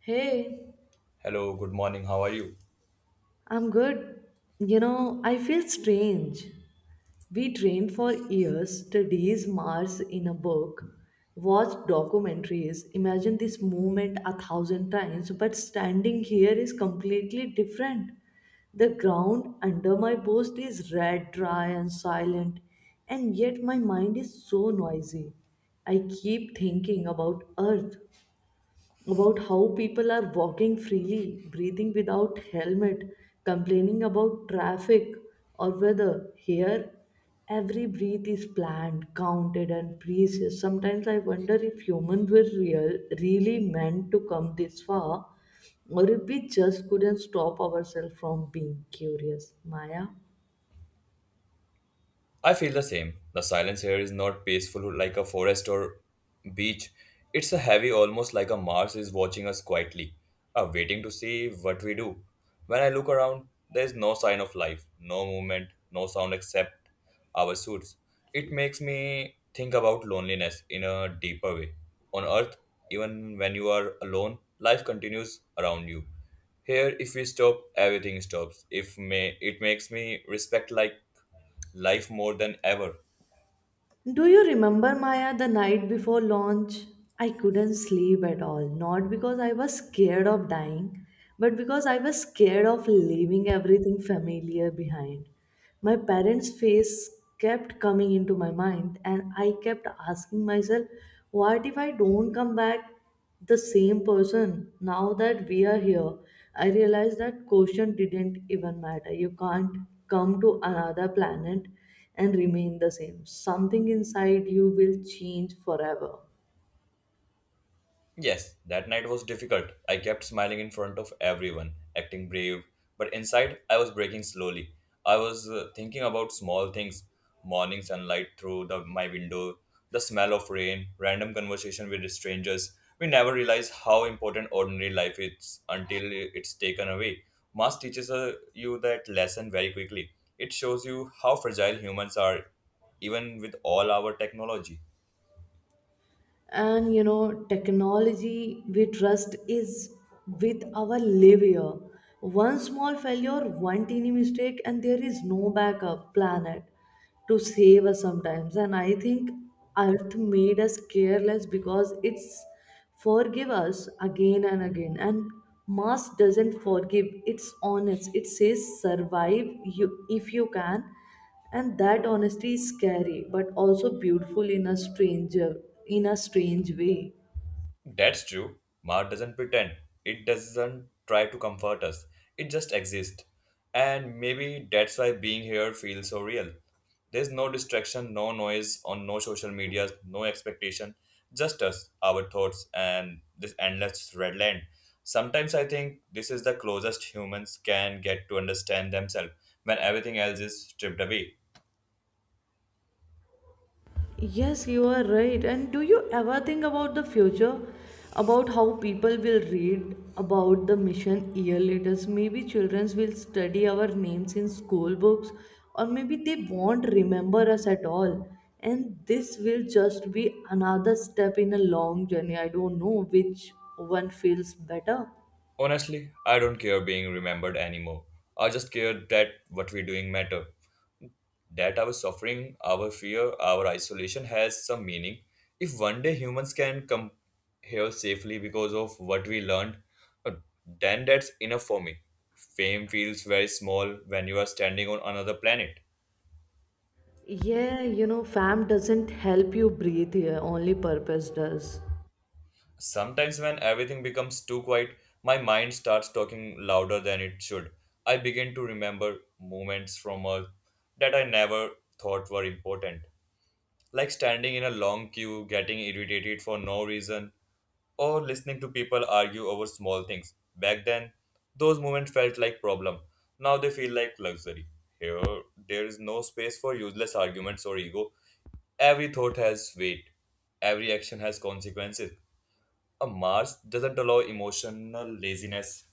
Hey, Hello, good morning. How are you? I'm good. You know, I feel strange. We trained for years, studies Mars in a book, watched documentaries, imagined this movement a thousand times, but standing here is completely different. The ground under my boast is red, dry, and silent, and yet my mind is so noisy. I keep thinking about Earth, about how people are walking freely, breathing without helmet, complaining about traffic or weather. Here, every breath is planned, counted, and precious. Sometimes I wonder if humans were really meant to come this far, or if we just couldn't stop ourselves from being curious. Maya? I feel the same. The silence here is not peaceful like a forest or beach. It's a heavy, almost like a Mars is watching us quietly, waiting to see what we do. When I look around, there is no sign of life, no movement, no sound except our suits. It makes me think about loneliness in a deeper way. On Earth, even when you are alone, life continues around you. Here, if we stop, everything stops. If may, it makes me respect like life more than ever. Do you remember, Maya, the night before launch? I couldn't sleep at all, not because I was scared of dying, but because I was scared of leaving everything familiar behind. My parents' face kept coming into my mind, and I kept asking myself, what if I don't come back? The same person. Now that we are here, I realize that quotient didn't even matter. You can't come to another planet and remain the same. Something inside you will change forever. Yes, that night was difficult. I kept smiling in front of everyone, acting brave, but inside I was breaking slowly. I was thinking about small things, morning sunlight through my window, the smell of rain, random conversation with strangers. We never realize how important ordinary life is until it's taken away. Mass teaches you that lesson very quickly. It shows you how fragile humans are, even with all our technology. And you know, technology we trust is with our live here. One small failure, one teeny mistake, and there is no backup planet to save us. Sometimes and I think Earth made us careless because it's forgive us again and again, and Mars doesn't forgive. It's honest. It says survive you if you can, and that honesty is scary but also beautiful in a strange way. That's true. Mars doesn't pretend. It doesn't try to comfort us. It just exists. And maybe that's why being here feels so real. There's no distraction, no noise on no social media, no expectation. Just us, our thoughts, and this endless red land. Sometimes I think this is the closest humans can get to understand themselves when everything else is stripped away. Yes, you are right. And do you ever think about the future, about how people will read about the mission year later? Maybe children will study our names in school books, or maybe they won't remember us at all, and this will just be another step in a long journey. I don't know which one feels better. Honestly, I don't care being remembered anymore. I just care that what we're doing matter. That our suffering, our fear, our isolation has some meaning. If one day humans can come here safely because of what we learned, uh, then that's enough for me. Fame feels very small when you are standing on another planet. Yeah, you know, fam doesn't help you breathe here, only purpose does. Sometimes, when everything becomes too quiet, my mind starts talking louder than it should. I begin to remember moments from Earth that I never thought were important, like standing in a long queue, getting irritated for no reason, or listening to people argue over small things. Back then, those moments felt like problem. Now they feel like luxury. Here, there is no space for useless arguments or ego. Every thought has weight. Every action has consequences. A Mars doesn't allow emotional laziness.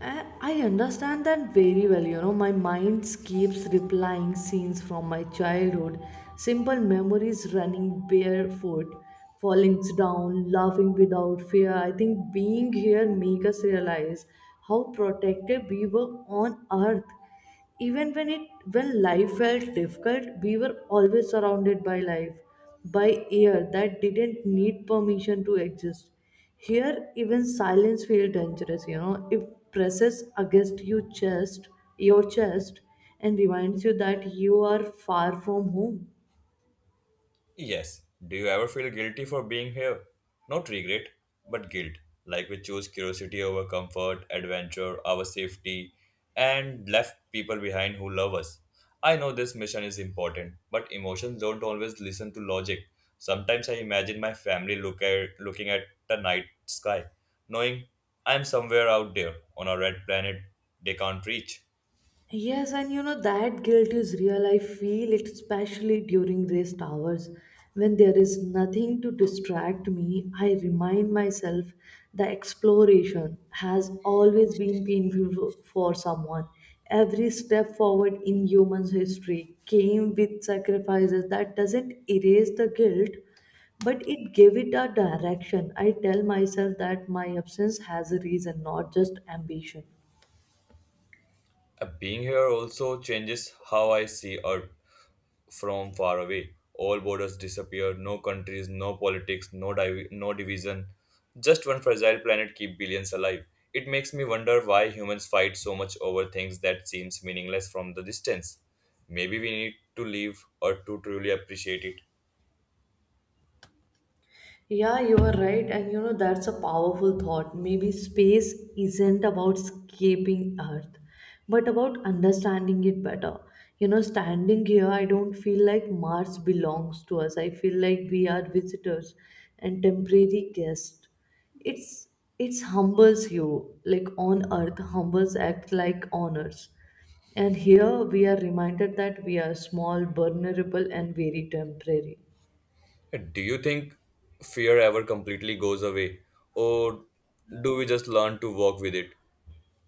I understand that very well. You know, my mind keeps replying scenes from my childhood, simple memories running barefoot, falling down, laughing without fear. I think being here makes us realize how protected we were on earth. Even when it When life felt difficult, we were always surrounded by life, by air that didn't need permission to exist. Here, even silence feels dangerous, you know. It presses against your chest, and reminds you that you are far from home. Yes. Do you ever feel guilty for being here? Not regret, but guilt. Like we chose curiosity over comfort, adventure, our safety, and left people behind who love us. I know this mission is important, but emotions don't always listen to logic. Sometimes I imagine my family looking at the night sky, knowing I'm somewhere out there on a red planet they can't reach. Yes, and you know, that guilt is real. I feel it especially during rest hours when there is nothing to distract me. I remind myself the exploration has always been painful for someone. Every step forward in human history came with sacrifices. That doesn't erase the guilt, but it gave it a direction. I tell myself that my absence has a reason, not just ambition. Being here also changes how I see Earth from far away. All borders disappear, no countries, no politics, no division. Just one fragile planet keep billions alive. It makes me wonder why humans fight so much over things that seems meaningless from the distance. Maybe we need to live or to truly appreciate Yeah, you are right. And you know, that's a powerful thought. Maybe space isn't about escaping Earth, but about understanding it better. You know, standing here, I don't feel like Mars belongs to us. I feel like we are visitors and temporary guests. It's it's humbles you, like on Earth, humbles act like honors. And here we are reminded that we are small, vulnerable, and very temporary. it. Do you think fear ever completely goes away? Or do we just learn to walk with it?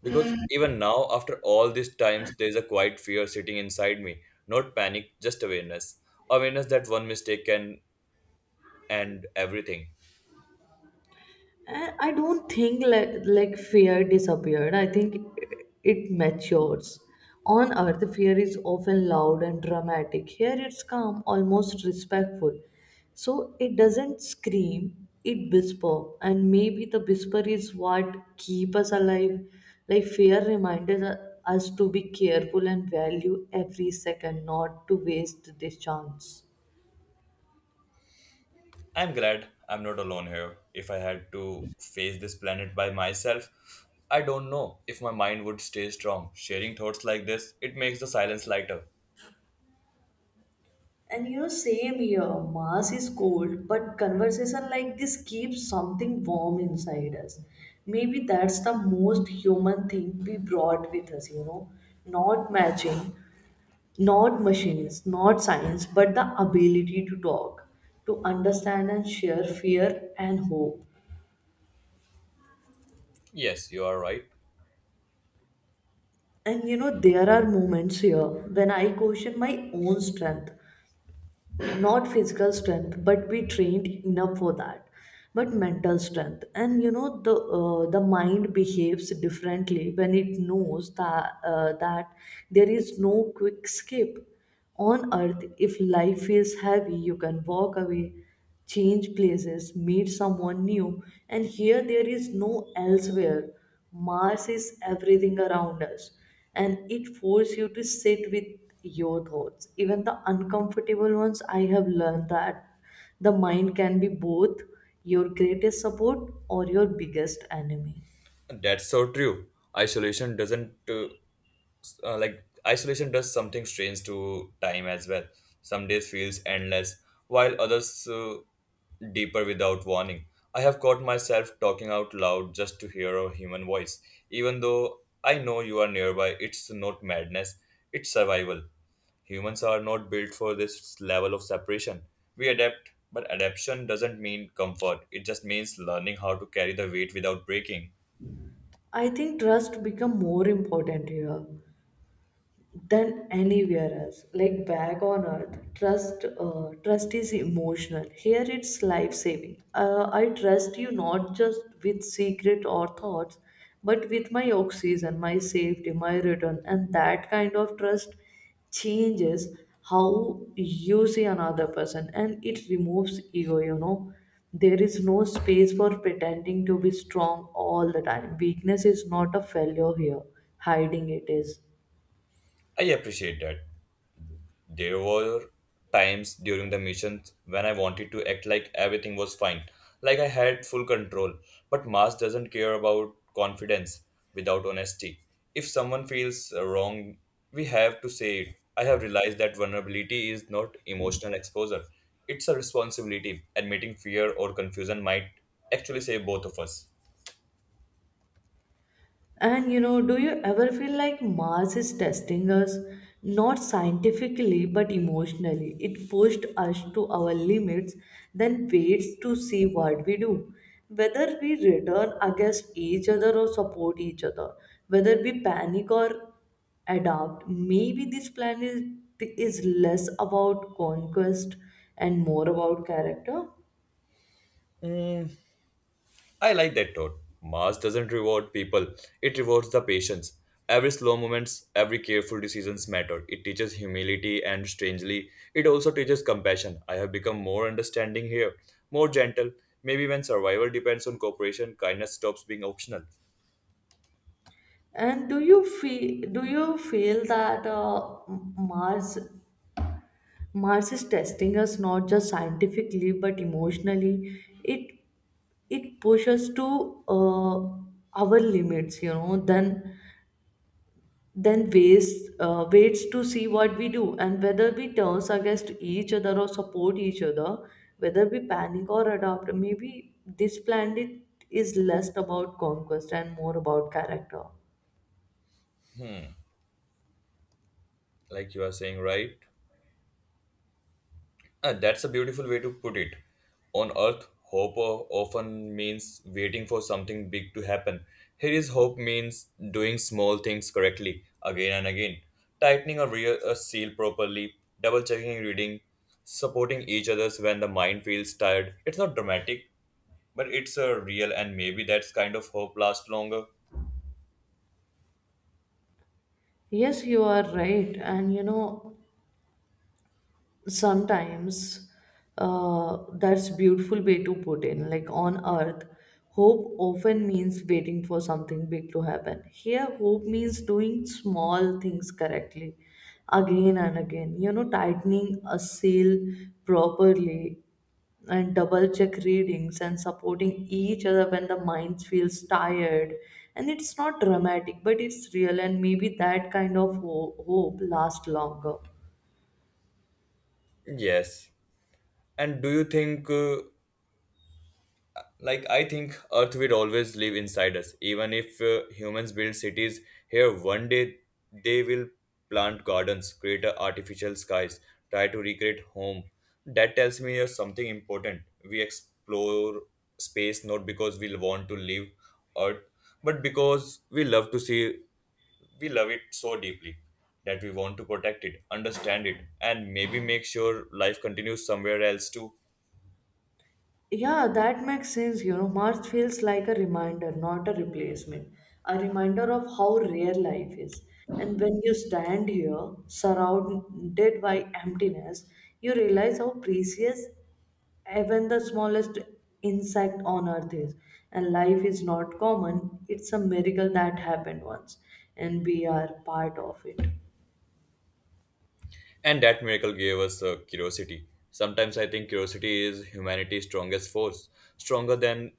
Because even now, after all these times, there is a quiet fear sitting inside me. Not panic, just awareness. Awareness that one mistake can end everything. And I don't think like fear disappeared. I think it matures. On earth, fear is often loud and dramatic. Here, it's calm, almost respectful. So it doesn't scream. It whisper, and maybe the whisper is what keep us alive. Like fear reminds us to be careful and value every second, not to waste this chance. I'm glad I'm not alone here. If I had to face this planet by myself, I don't know if my mind would stay strong. Sharing thoughts like this, it makes the silence lighter. And you know, same here. Mars is cold, but conversation like this keeps something warm inside us. Maybe that's the most human thing we brought with us, you know. Not matching, not machines, not science, but the ability to talk, to understand and share fear and hope. Yes, you are right. And you know, there are moments here when I question my own strength, not physical strength, but be trained enough for that, but mental strength. And you know, the mind behaves differently when it knows that there is no quick escape. On earth, if life feels heavy, you can walk away, change places, meet someone new. And here there is no elsewhere. Mars is everything around us, and it forces you to sit with your thoughts, even the uncomfortable ones. I have learned that the mind can be both your greatest support or your biggest enemy. That's so true. Isolation doesn't like isolation does something strange to time as well. Some days feels endless, while others deeper without warning. I have caught myself talking out loud just to hear a human voice, even though I know you are nearby. It's not madness; it's survival. Humans are not built for this level of separation. We adapt, but adaptation doesn't mean comfort. It just means learning how to carry the weight without breaking. I think trust become more important here than anywhere else. Like back on earth, trust is emotional. Here it's life saving. I trust you not just with secret or thoughts, but with my oxygen, my safety, my return, and that kind of trust changes how you see another person, and it removes ego. You know, there is no space for pretending to be strong all the time. Weakness is not a failure here. Hiding it is. I appreciate that. There were times during the missions when I wanted to act like everything was fine, like I had full control. But Mars doesn't care about confidence without honesty. If someone feels wrong, we have to say it. I have realized that vulnerability is not emotional exposure, it's a responsibility. Admitting fear or confusion might actually save both of us. And you know, do you ever feel like Mars is testing us? Not scientifically, but emotionally. It pushed us to our limits, then waits to see what we do. Whether we return against each other or support each other, whether we panic or adapt, maybe this planet is less about conquest and more about character. I like that thought. Mars doesn't reward people, it rewards the patience. Every slow moments, every careful decisions matter. It teaches humility and strangely, it also teaches compassion. I have become more understanding here, more gentle. Maybe when survival depends on cooperation, kindness stops being optional. And do you feel that Mars is testing us, not just scientifically but emotionally. It pushes to our limits, you know. Then waits to see what we do, and whether we turns against each other or support each other, whether we panic or adopt. Maybe this planet is less about conquest and more about character. Like you are saying, right? That's a beautiful way to put it. On Earth, often means waiting for something big to happen. Here is hope means doing small things correctly again and again, tightening a seal properly, double checking reading, supporting each other's when the mind feels tired. It's not dramatic, but it's a real and maybe that's kind of hope lasts longer. Yes, you are right, and you know, sometimes that's beautiful way to put in. Like on earth, hope often means waiting for something big to happen. Here hope means doing small things correctly again and again, you know, tightening a seal properly, and double check readings, and supporting each other when the mind feels tired. And it's not dramatic, but it's real, and maybe that kind of hope lasts longer. Yes. And do you think like, I think Earth will always live inside us. Even if humans build cities here, one day they will plant gardens, create a artificial skies, try to recreate home. That tells me there's something important. We explore space not because we want to live Earth, but because we love to see, we love it so deeply that we want to protect it, understand it, and maybe make sure life continues somewhere else too. Yeah, that makes sense. You know, March feels like a reminder, not a replacement. A reminder of how rare life is. And when you stand here, surrounded by emptiness, you realize how precious even the smallest insect on earth is. And life is not common, it's a miracle that happened once, and we are part of it. And that miracle gave us curiosity. Sometimes I think curiosity is humanity's strongest force, stronger than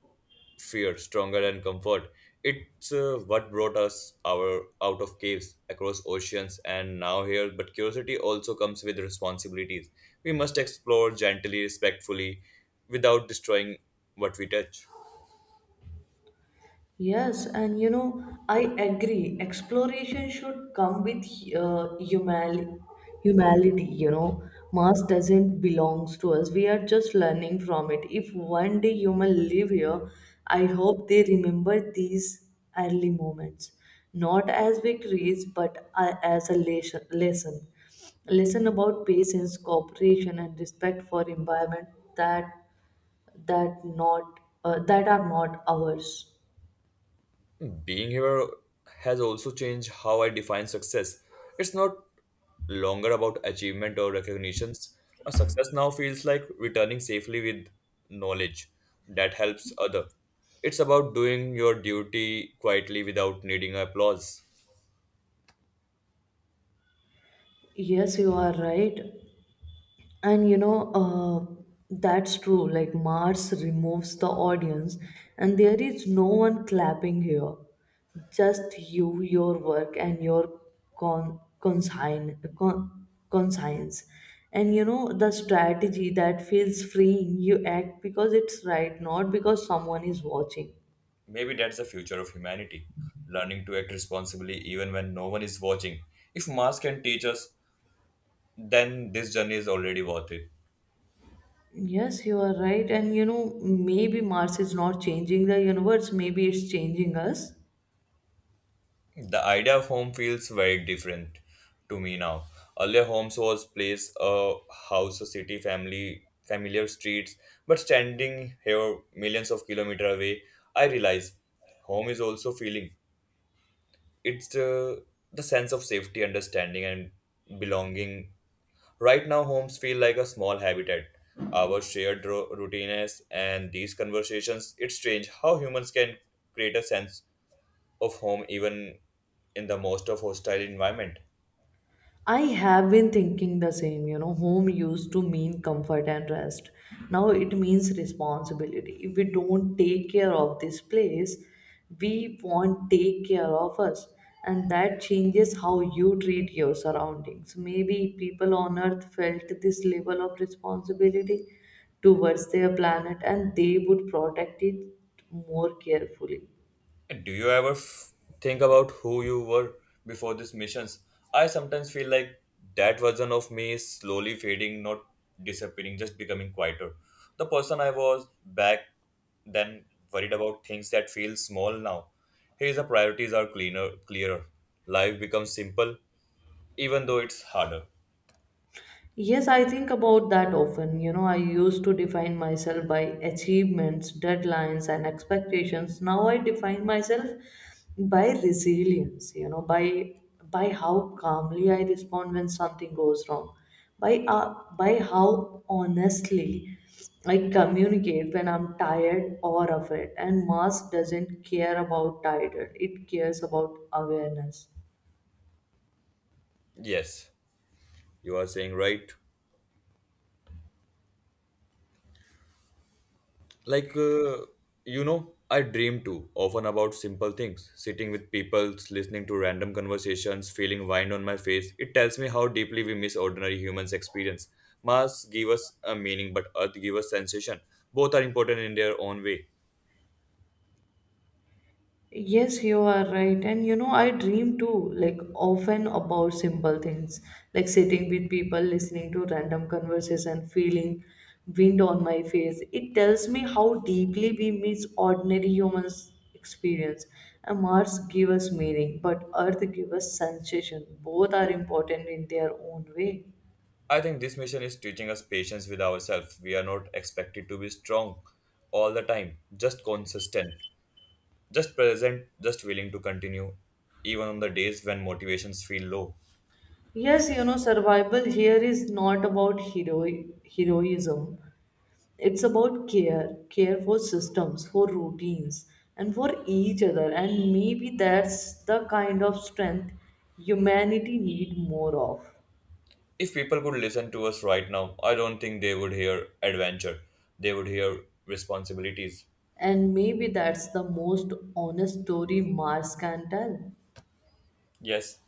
fear, stronger than comfort. It's what brought us our out of caves, across oceans, and now here. But curiosity also comes with responsibilities. We must explore gently, respectfully, without destroying what we touch. Yes, and you know, I agree. Exploration should come with uh, humali- humanity, you know. Mars doesn't belongs to us. We are just learning from it. If one day human live here, I hope they remember these early moments, not as victories, but as a lesson about patience, cooperation, and respect for environment that that are not ours. Being here has also changed how I define success. It's not longer about achievement or recognitions. A success now feels like returning safely with knowledge that helps other. It's about doing your duty quietly without needing applause. Yes, you are right. And you know, that's true. Like Mars removes the audience, and there is no one clapping here. Just you, your work, and your conscience. And you know, the strategy that feels freeing, you act because it's right, not because someone is watching. Maybe that's the future of humanity, learning to act responsibly even when no one is watching. If Mars can teach us, then this journey is already worth it. Yes, you are right. And you know, maybe Mars is not changing the universe, maybe it's changing us. The idea of home feels very different to me now. Earlier, homes was place, a house, a city, family, familiar streets. But standing here, millions of kilometers away, I realize home is also feeling. It's the sense of safety, understanding, and belonging. Right now, homes feel like a small habitat. Our shared routines and these conversations. It's strange how humans can create a sense of home even in the most of hostile environment. I have been thinking the same, you know. Home used to mean comfort and rest. Now it means responsibility. If we don't take care of this place, we won't take care of us. And that changes how you treat your surroundings. Maybe people on earth felt this level of responsibility towards their planet and they would protect it more carefully. And do you ever think about who you were before these missions? I sometimes feel like that version of me is slowly fading, not disappearing, just becoming quieter. The person I was back then worried about things that feel small now. Here the priorities are cleaner, clearer. Life becomes simple, even though it's harder. Yes, I think about that often. You know, I used to define myself by achievements, deadlines, and expectations. Now I define myself by resilience, you know, by how calmly I respond when something goes wrong, by how honestly I communicate when I'm tired or afraid. And mass doesn't care about tired, it cares about awareness. Yes, you are saying right. Like, uh, you know, I dream too, often about simple things. Sitting with people, listening to random conversations, feeling wine on my face. It tells me how deeply we miss ordinary humans' experience. Mars give us a meaning, but Earth give us sensation. Both are important in their own way. Yes, you are right. And you know, I dream too, like often about simple things, like sitting with people, listening to random conversation, feeling wind on my face. It tells me how deeply we miss ordinary humans' experience. And Mars gives us meaning, but Earth gives us sensation. Both are important in their own way. I think this mission is teaching us patience with ourselves. We are not expected to be strong all the time, just consistent, just present, just willing to continue, even on the days when motivations feel low. Yes, you know, survival here is not about heroism. It's about care, care for systems, for routines, and for each other. And maybe that's the kind of strength humanity need more of. If people could listen to us right now, I don't think they would hear adventure. They would hear responsibilities. And maybe that's the most honest story Mars can tell. Yes,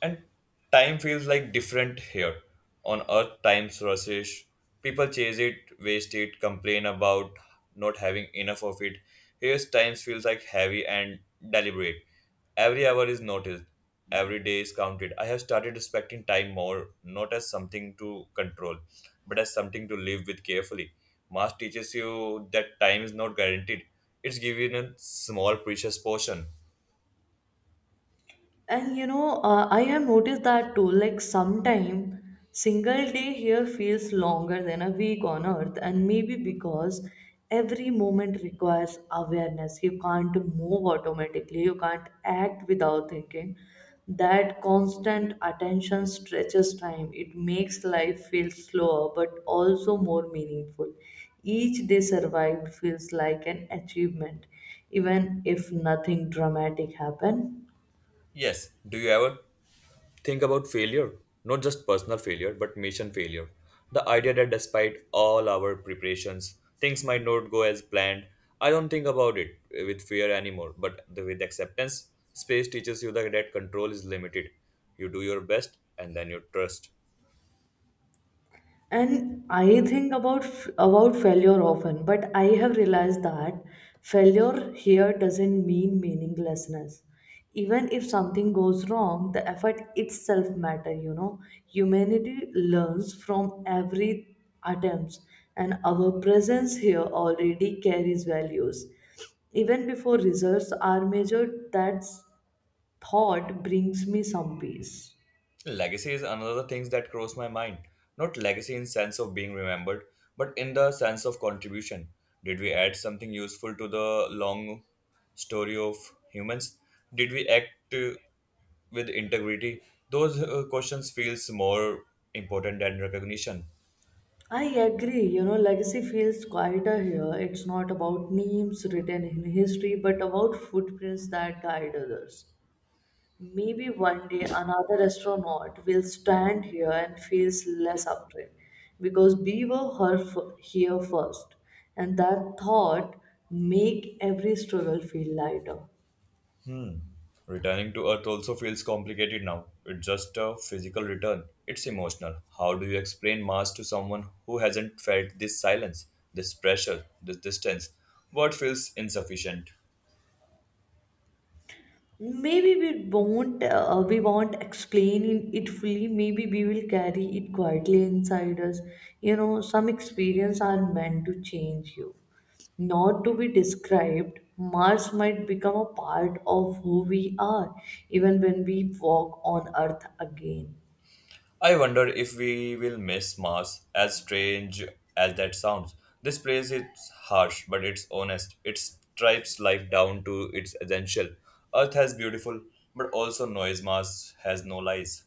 and time feels like different here. On Earth, time's rushes. People chase it, waste it, complain about not having enough of it. Here's time feels like heavy and deliberate. Every hour is noticed. Every day is counted. I have started respecting time more, not as something to control, but as something to live with carefully. Mass teaches you that time is not guaranteed. It's given in small precious portion. And you know, I have noticed that too. Like sometime, single day here feels longer than a week on earth, and maybe because every moment requires awareness. You can't move automatically, you can't act without thinking. That constant attention stretches time. It makes life feel slower but also more meaningful. Each day survived feels like an achievement, even if nothing dramatic happened. Yes. Do you ever think about failure, not just personal failure, but mission failure? The idea that despite all our preparations, things might not go as planned. I don't think about it with fear anymore, but with acceptance, space teaches you that control is limited. You do your best and then you trust. And I think about about failure often, but I have realized that failure here doesn't mean meaninglessness. Even if something goes wrong, the effort itself matter, you know, humanity learns from every attempts, and our presence here already carries values even before results are measured. That thought brings me some peace. Legacy is another thing that crossed my mind. Not legacy in sense of being remembered, but in the sense of contribution. Did we add something useful to the long story of humans? Did we act uh, with integrity? Those questions feels more important than recognition. I agree, you know, legacy feels quieter here. It's not about names written in history, but about footprints that guide others. Maybe one day another astronaut will stand here and feels less afraid because we were here first, and that thought make every struggle feel lighter. Returning to Earth also feels complicated now. It's just a physical return, it's emotional. How do you explain Mars to someone who hasn't felt this silence, this pressure, this distance? What feels insufficient? Maybe we won't explain it fully. Maybe we will carry it quietly inside us. You know, some experience are meant to change you, not to be described. Mars might become a part of who we are, even when we walk on Earth again. I wonder if we will miss Mars, as strange as that sounds. This place is harsh, but it's honest. It stripes life down to its essential. Earth has beautiful, but also noise. Mars has no lies.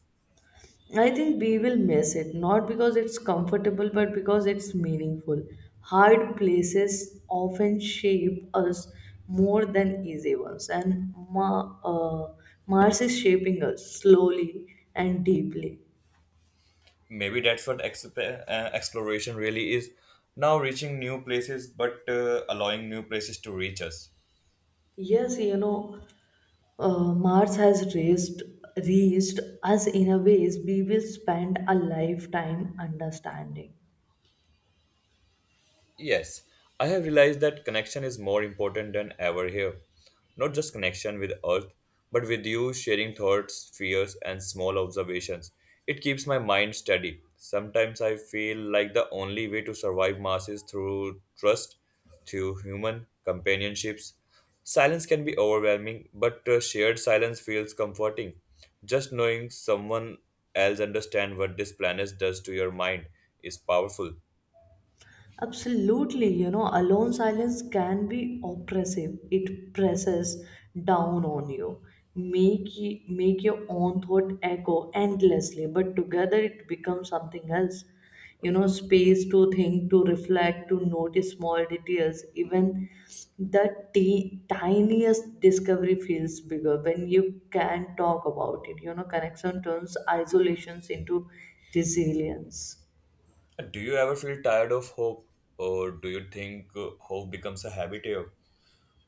I think we will miss it, not because it's comfortable, but because it's meaningful. Hard places often shape us more than easy ones, and Mars is shaping us slowly and deeply. Maybe that's what exploration really is now reaching new places but allowing new places to reach us. Yes, you know, Mars has raised us in a ways we will spend a lifetime understanding. Yes, I have realized that connection is more important than ever here. Not just connection with Earth, but with you sharing thoughts, fears, and small observations. It keeps my mind steady. Sometimes I feel like the only way to survive Mars is through trust, through human companionships. Silence can be overwhelming, but shared silence feels comforting. Just knowing someone else understands what this planet does to your mind is powerful. Absolutely, you know, alone silence can be oppressive. It presses down on you, make your own thought echo endlessly. But together, it becomes something else. You know, space to think, to reflect, to notice small details. Even the tiniest discovery feels bigger when you can talk about it. You know, connection turns isolations into resilience. Do you ever feel tired of hope, or do you think hope becomes a habit here?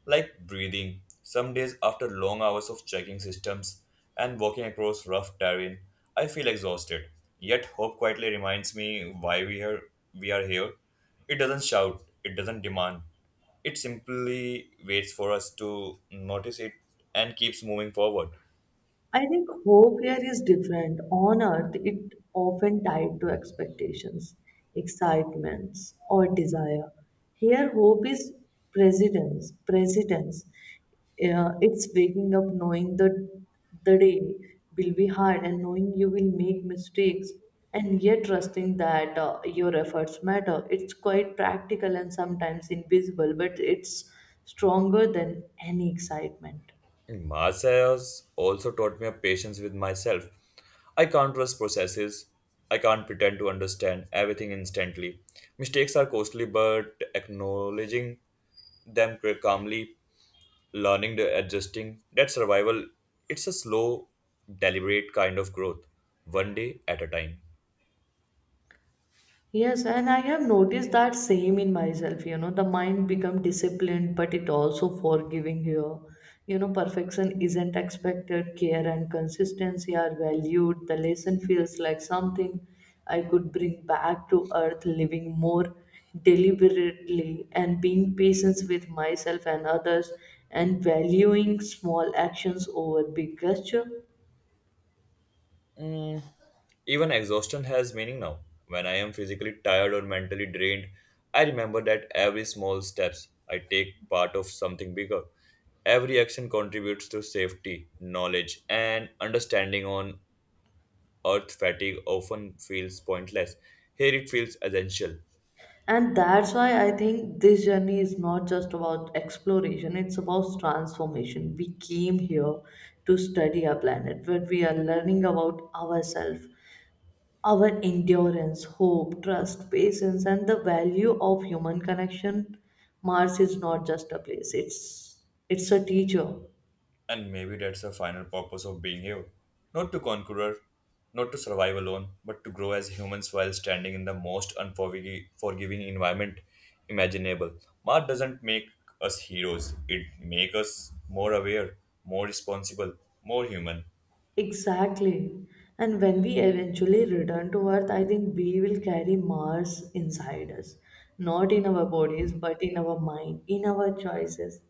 Like breathing. Some days, after long hours of checking systems and walking across rough terrain, I feel exhausted. Yet, hope quietly reminds me why we are here. It doesn't shout, it doesn't demand. It simply waits for us to notice it and keeps moving forward. I think hope here is different. On earth, it often tied to expectations, excitements, or desire. Here, hope is presence. Presence. It's waking up knowing that the day will be hard and knowing you will make mistakes, and yet trusting that your efforts matter. It's quite practical and sometimes invisible, but it's stronger than any excitement. Marseilles also taught me a patience with myself. I can't rush processes. I can't pretend to understand everything instantly. Mistakes are costly, but acknowledging them calmly, learning, the adjusting, that survival, it's a slow, deliberate kind of growth, one day at a time. Yes, and I have noticed that same in myself. You know, the mind become disciplined, but it also forgiving here. You know, perfection isn't expected. Care and consistency are valued. The lesson feels like something I could bring back to earth, living more deliberately and being patient with myself and others, and valuing small actions over big gesture. Even exhaustion has meaning now. When I am physically tired or mentally drained, I remember that every small steps I take part of something bigger. Every action contributes to safety, knowledge, and understanding on earth fatigue often feels pointless. Here it feels essential. And that's why I think this journey is not just about exploration, it's about transformation. We came here to study our planet, where we are learning about ourselves, our endurance, hope, trust, patience, and the value of human connection. Mars is not just a place, it's a teacher. And maybe that's the final purpose of being here. Not to conquer, not to survive alone, but to grow as humans while standing in the most unforgiving forgiving environment imaginable. Mars doesn't make us heroes, it makes us more aware, more responsible, more human. Exactly. And when we eventually return to Earth, I think we will carry Mars inside us. Not in our bodies, but in our mind, in our choices,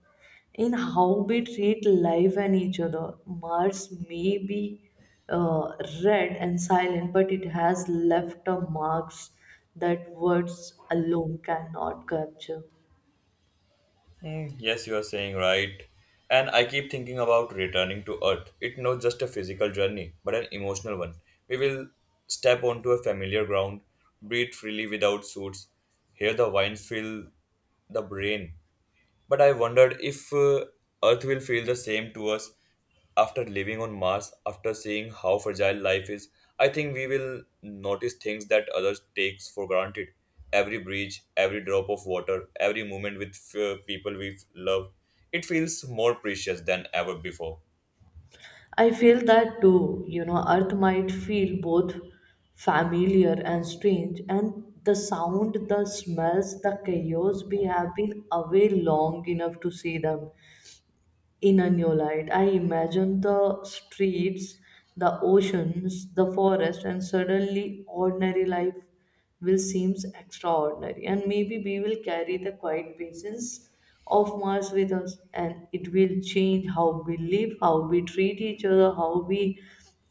in how we treat life and each other. Mars may be uh, red and silent, but it has left a marks that words alone cannot capture. Hmm. Yes, you are saying right. And I keep thinking about returning to Earth. It's not just a physical journey, but an emotional one. We will step onto a familiar ground, breathe freely without suits, hear the winds fill the brain, but I wondered if Earth will feel the same to us after living on Mars, after seeing how fragile life is. I think we will notice things that others takes for granted. Every breeze, every drop of water, every moment with people we love. It feels more precious than ever before. I feel that too. You know, Earth might feel both familiar and strange, and the sound, the smells, the chaos, we have been away long enough to see them in a new light. I imagine the streets, the oceans, the forest, and suddenly ordinary life will seem extraordinary. And maybe we will carry the quiet presence of Mars with us, and it will change how we live, how we treat each other, how we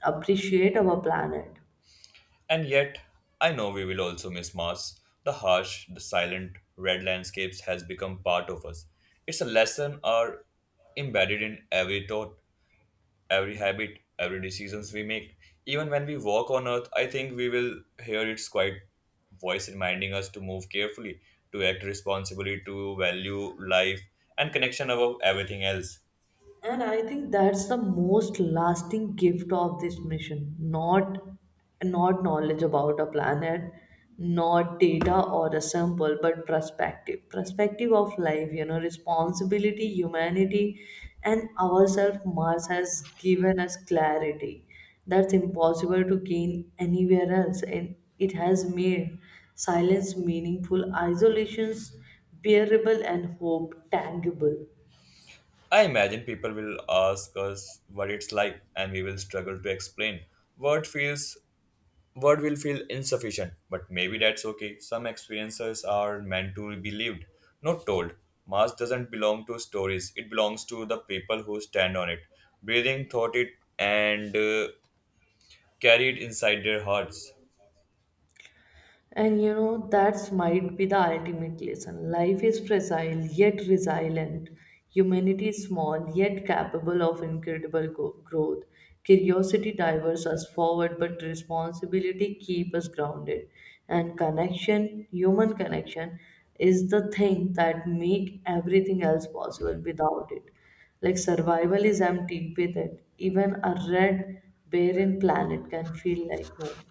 appreciate our planet. And yet, I know we will also miss Mars. The harsh, the silent, red landscapes has become part of us. It's a lesson are embedded in every thought, every habit, every decisions we make. Even when we walk on earth, I think we will hear its quiet voice reminding us to move carefully, to act responsibly, to value life and connection above everything else. And I think that's the most lasting gift of this mission. Not knowledge about a planet, not data or a sample, but perspective. Perspective of life, you know, responsibility, humanity, and ourselves. Mars has given us clarity that's impossible to gain anywhere else. And it has made silence meaningful, isolations bearable, and hope tangible. I imagine people will ask us what it's like and we will struggle to explain. What feels word will feel insufficient, but maybe that's okay. Some experiences are meant to be lived, not told. Mass doesn't belong to stories, it belongs to the people who stand on it, breathing, thought it, and carry it inside their hearts. And you know, that's might be the ultimate lesson. Life is fragile yet resilient. Humanity is small yet capable of incredible growth. Curiosity diverts us forward, but responsibility keeps us grounded. And connection, human connection, is the thing that make everything else possible. Without it, like, survival is empty. With it, even a red, barren planet can feel like home.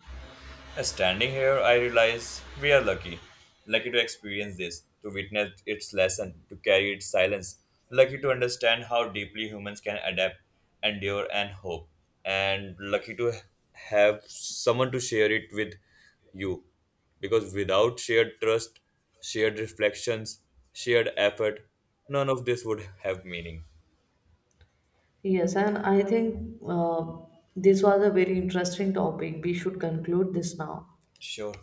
Standing here, I realize we are lucky. Lucky to experience this, to witness its lesson, to carry its silence. Lucky to understand how deeply humans can adapt, endure, and hope. And lucky to have someone to share it with you. Because without shared trust, shared reflections, shared effort, none of this would have meaning. Yes, and I think this was a very interesting topic. We should conclude this now. Sure.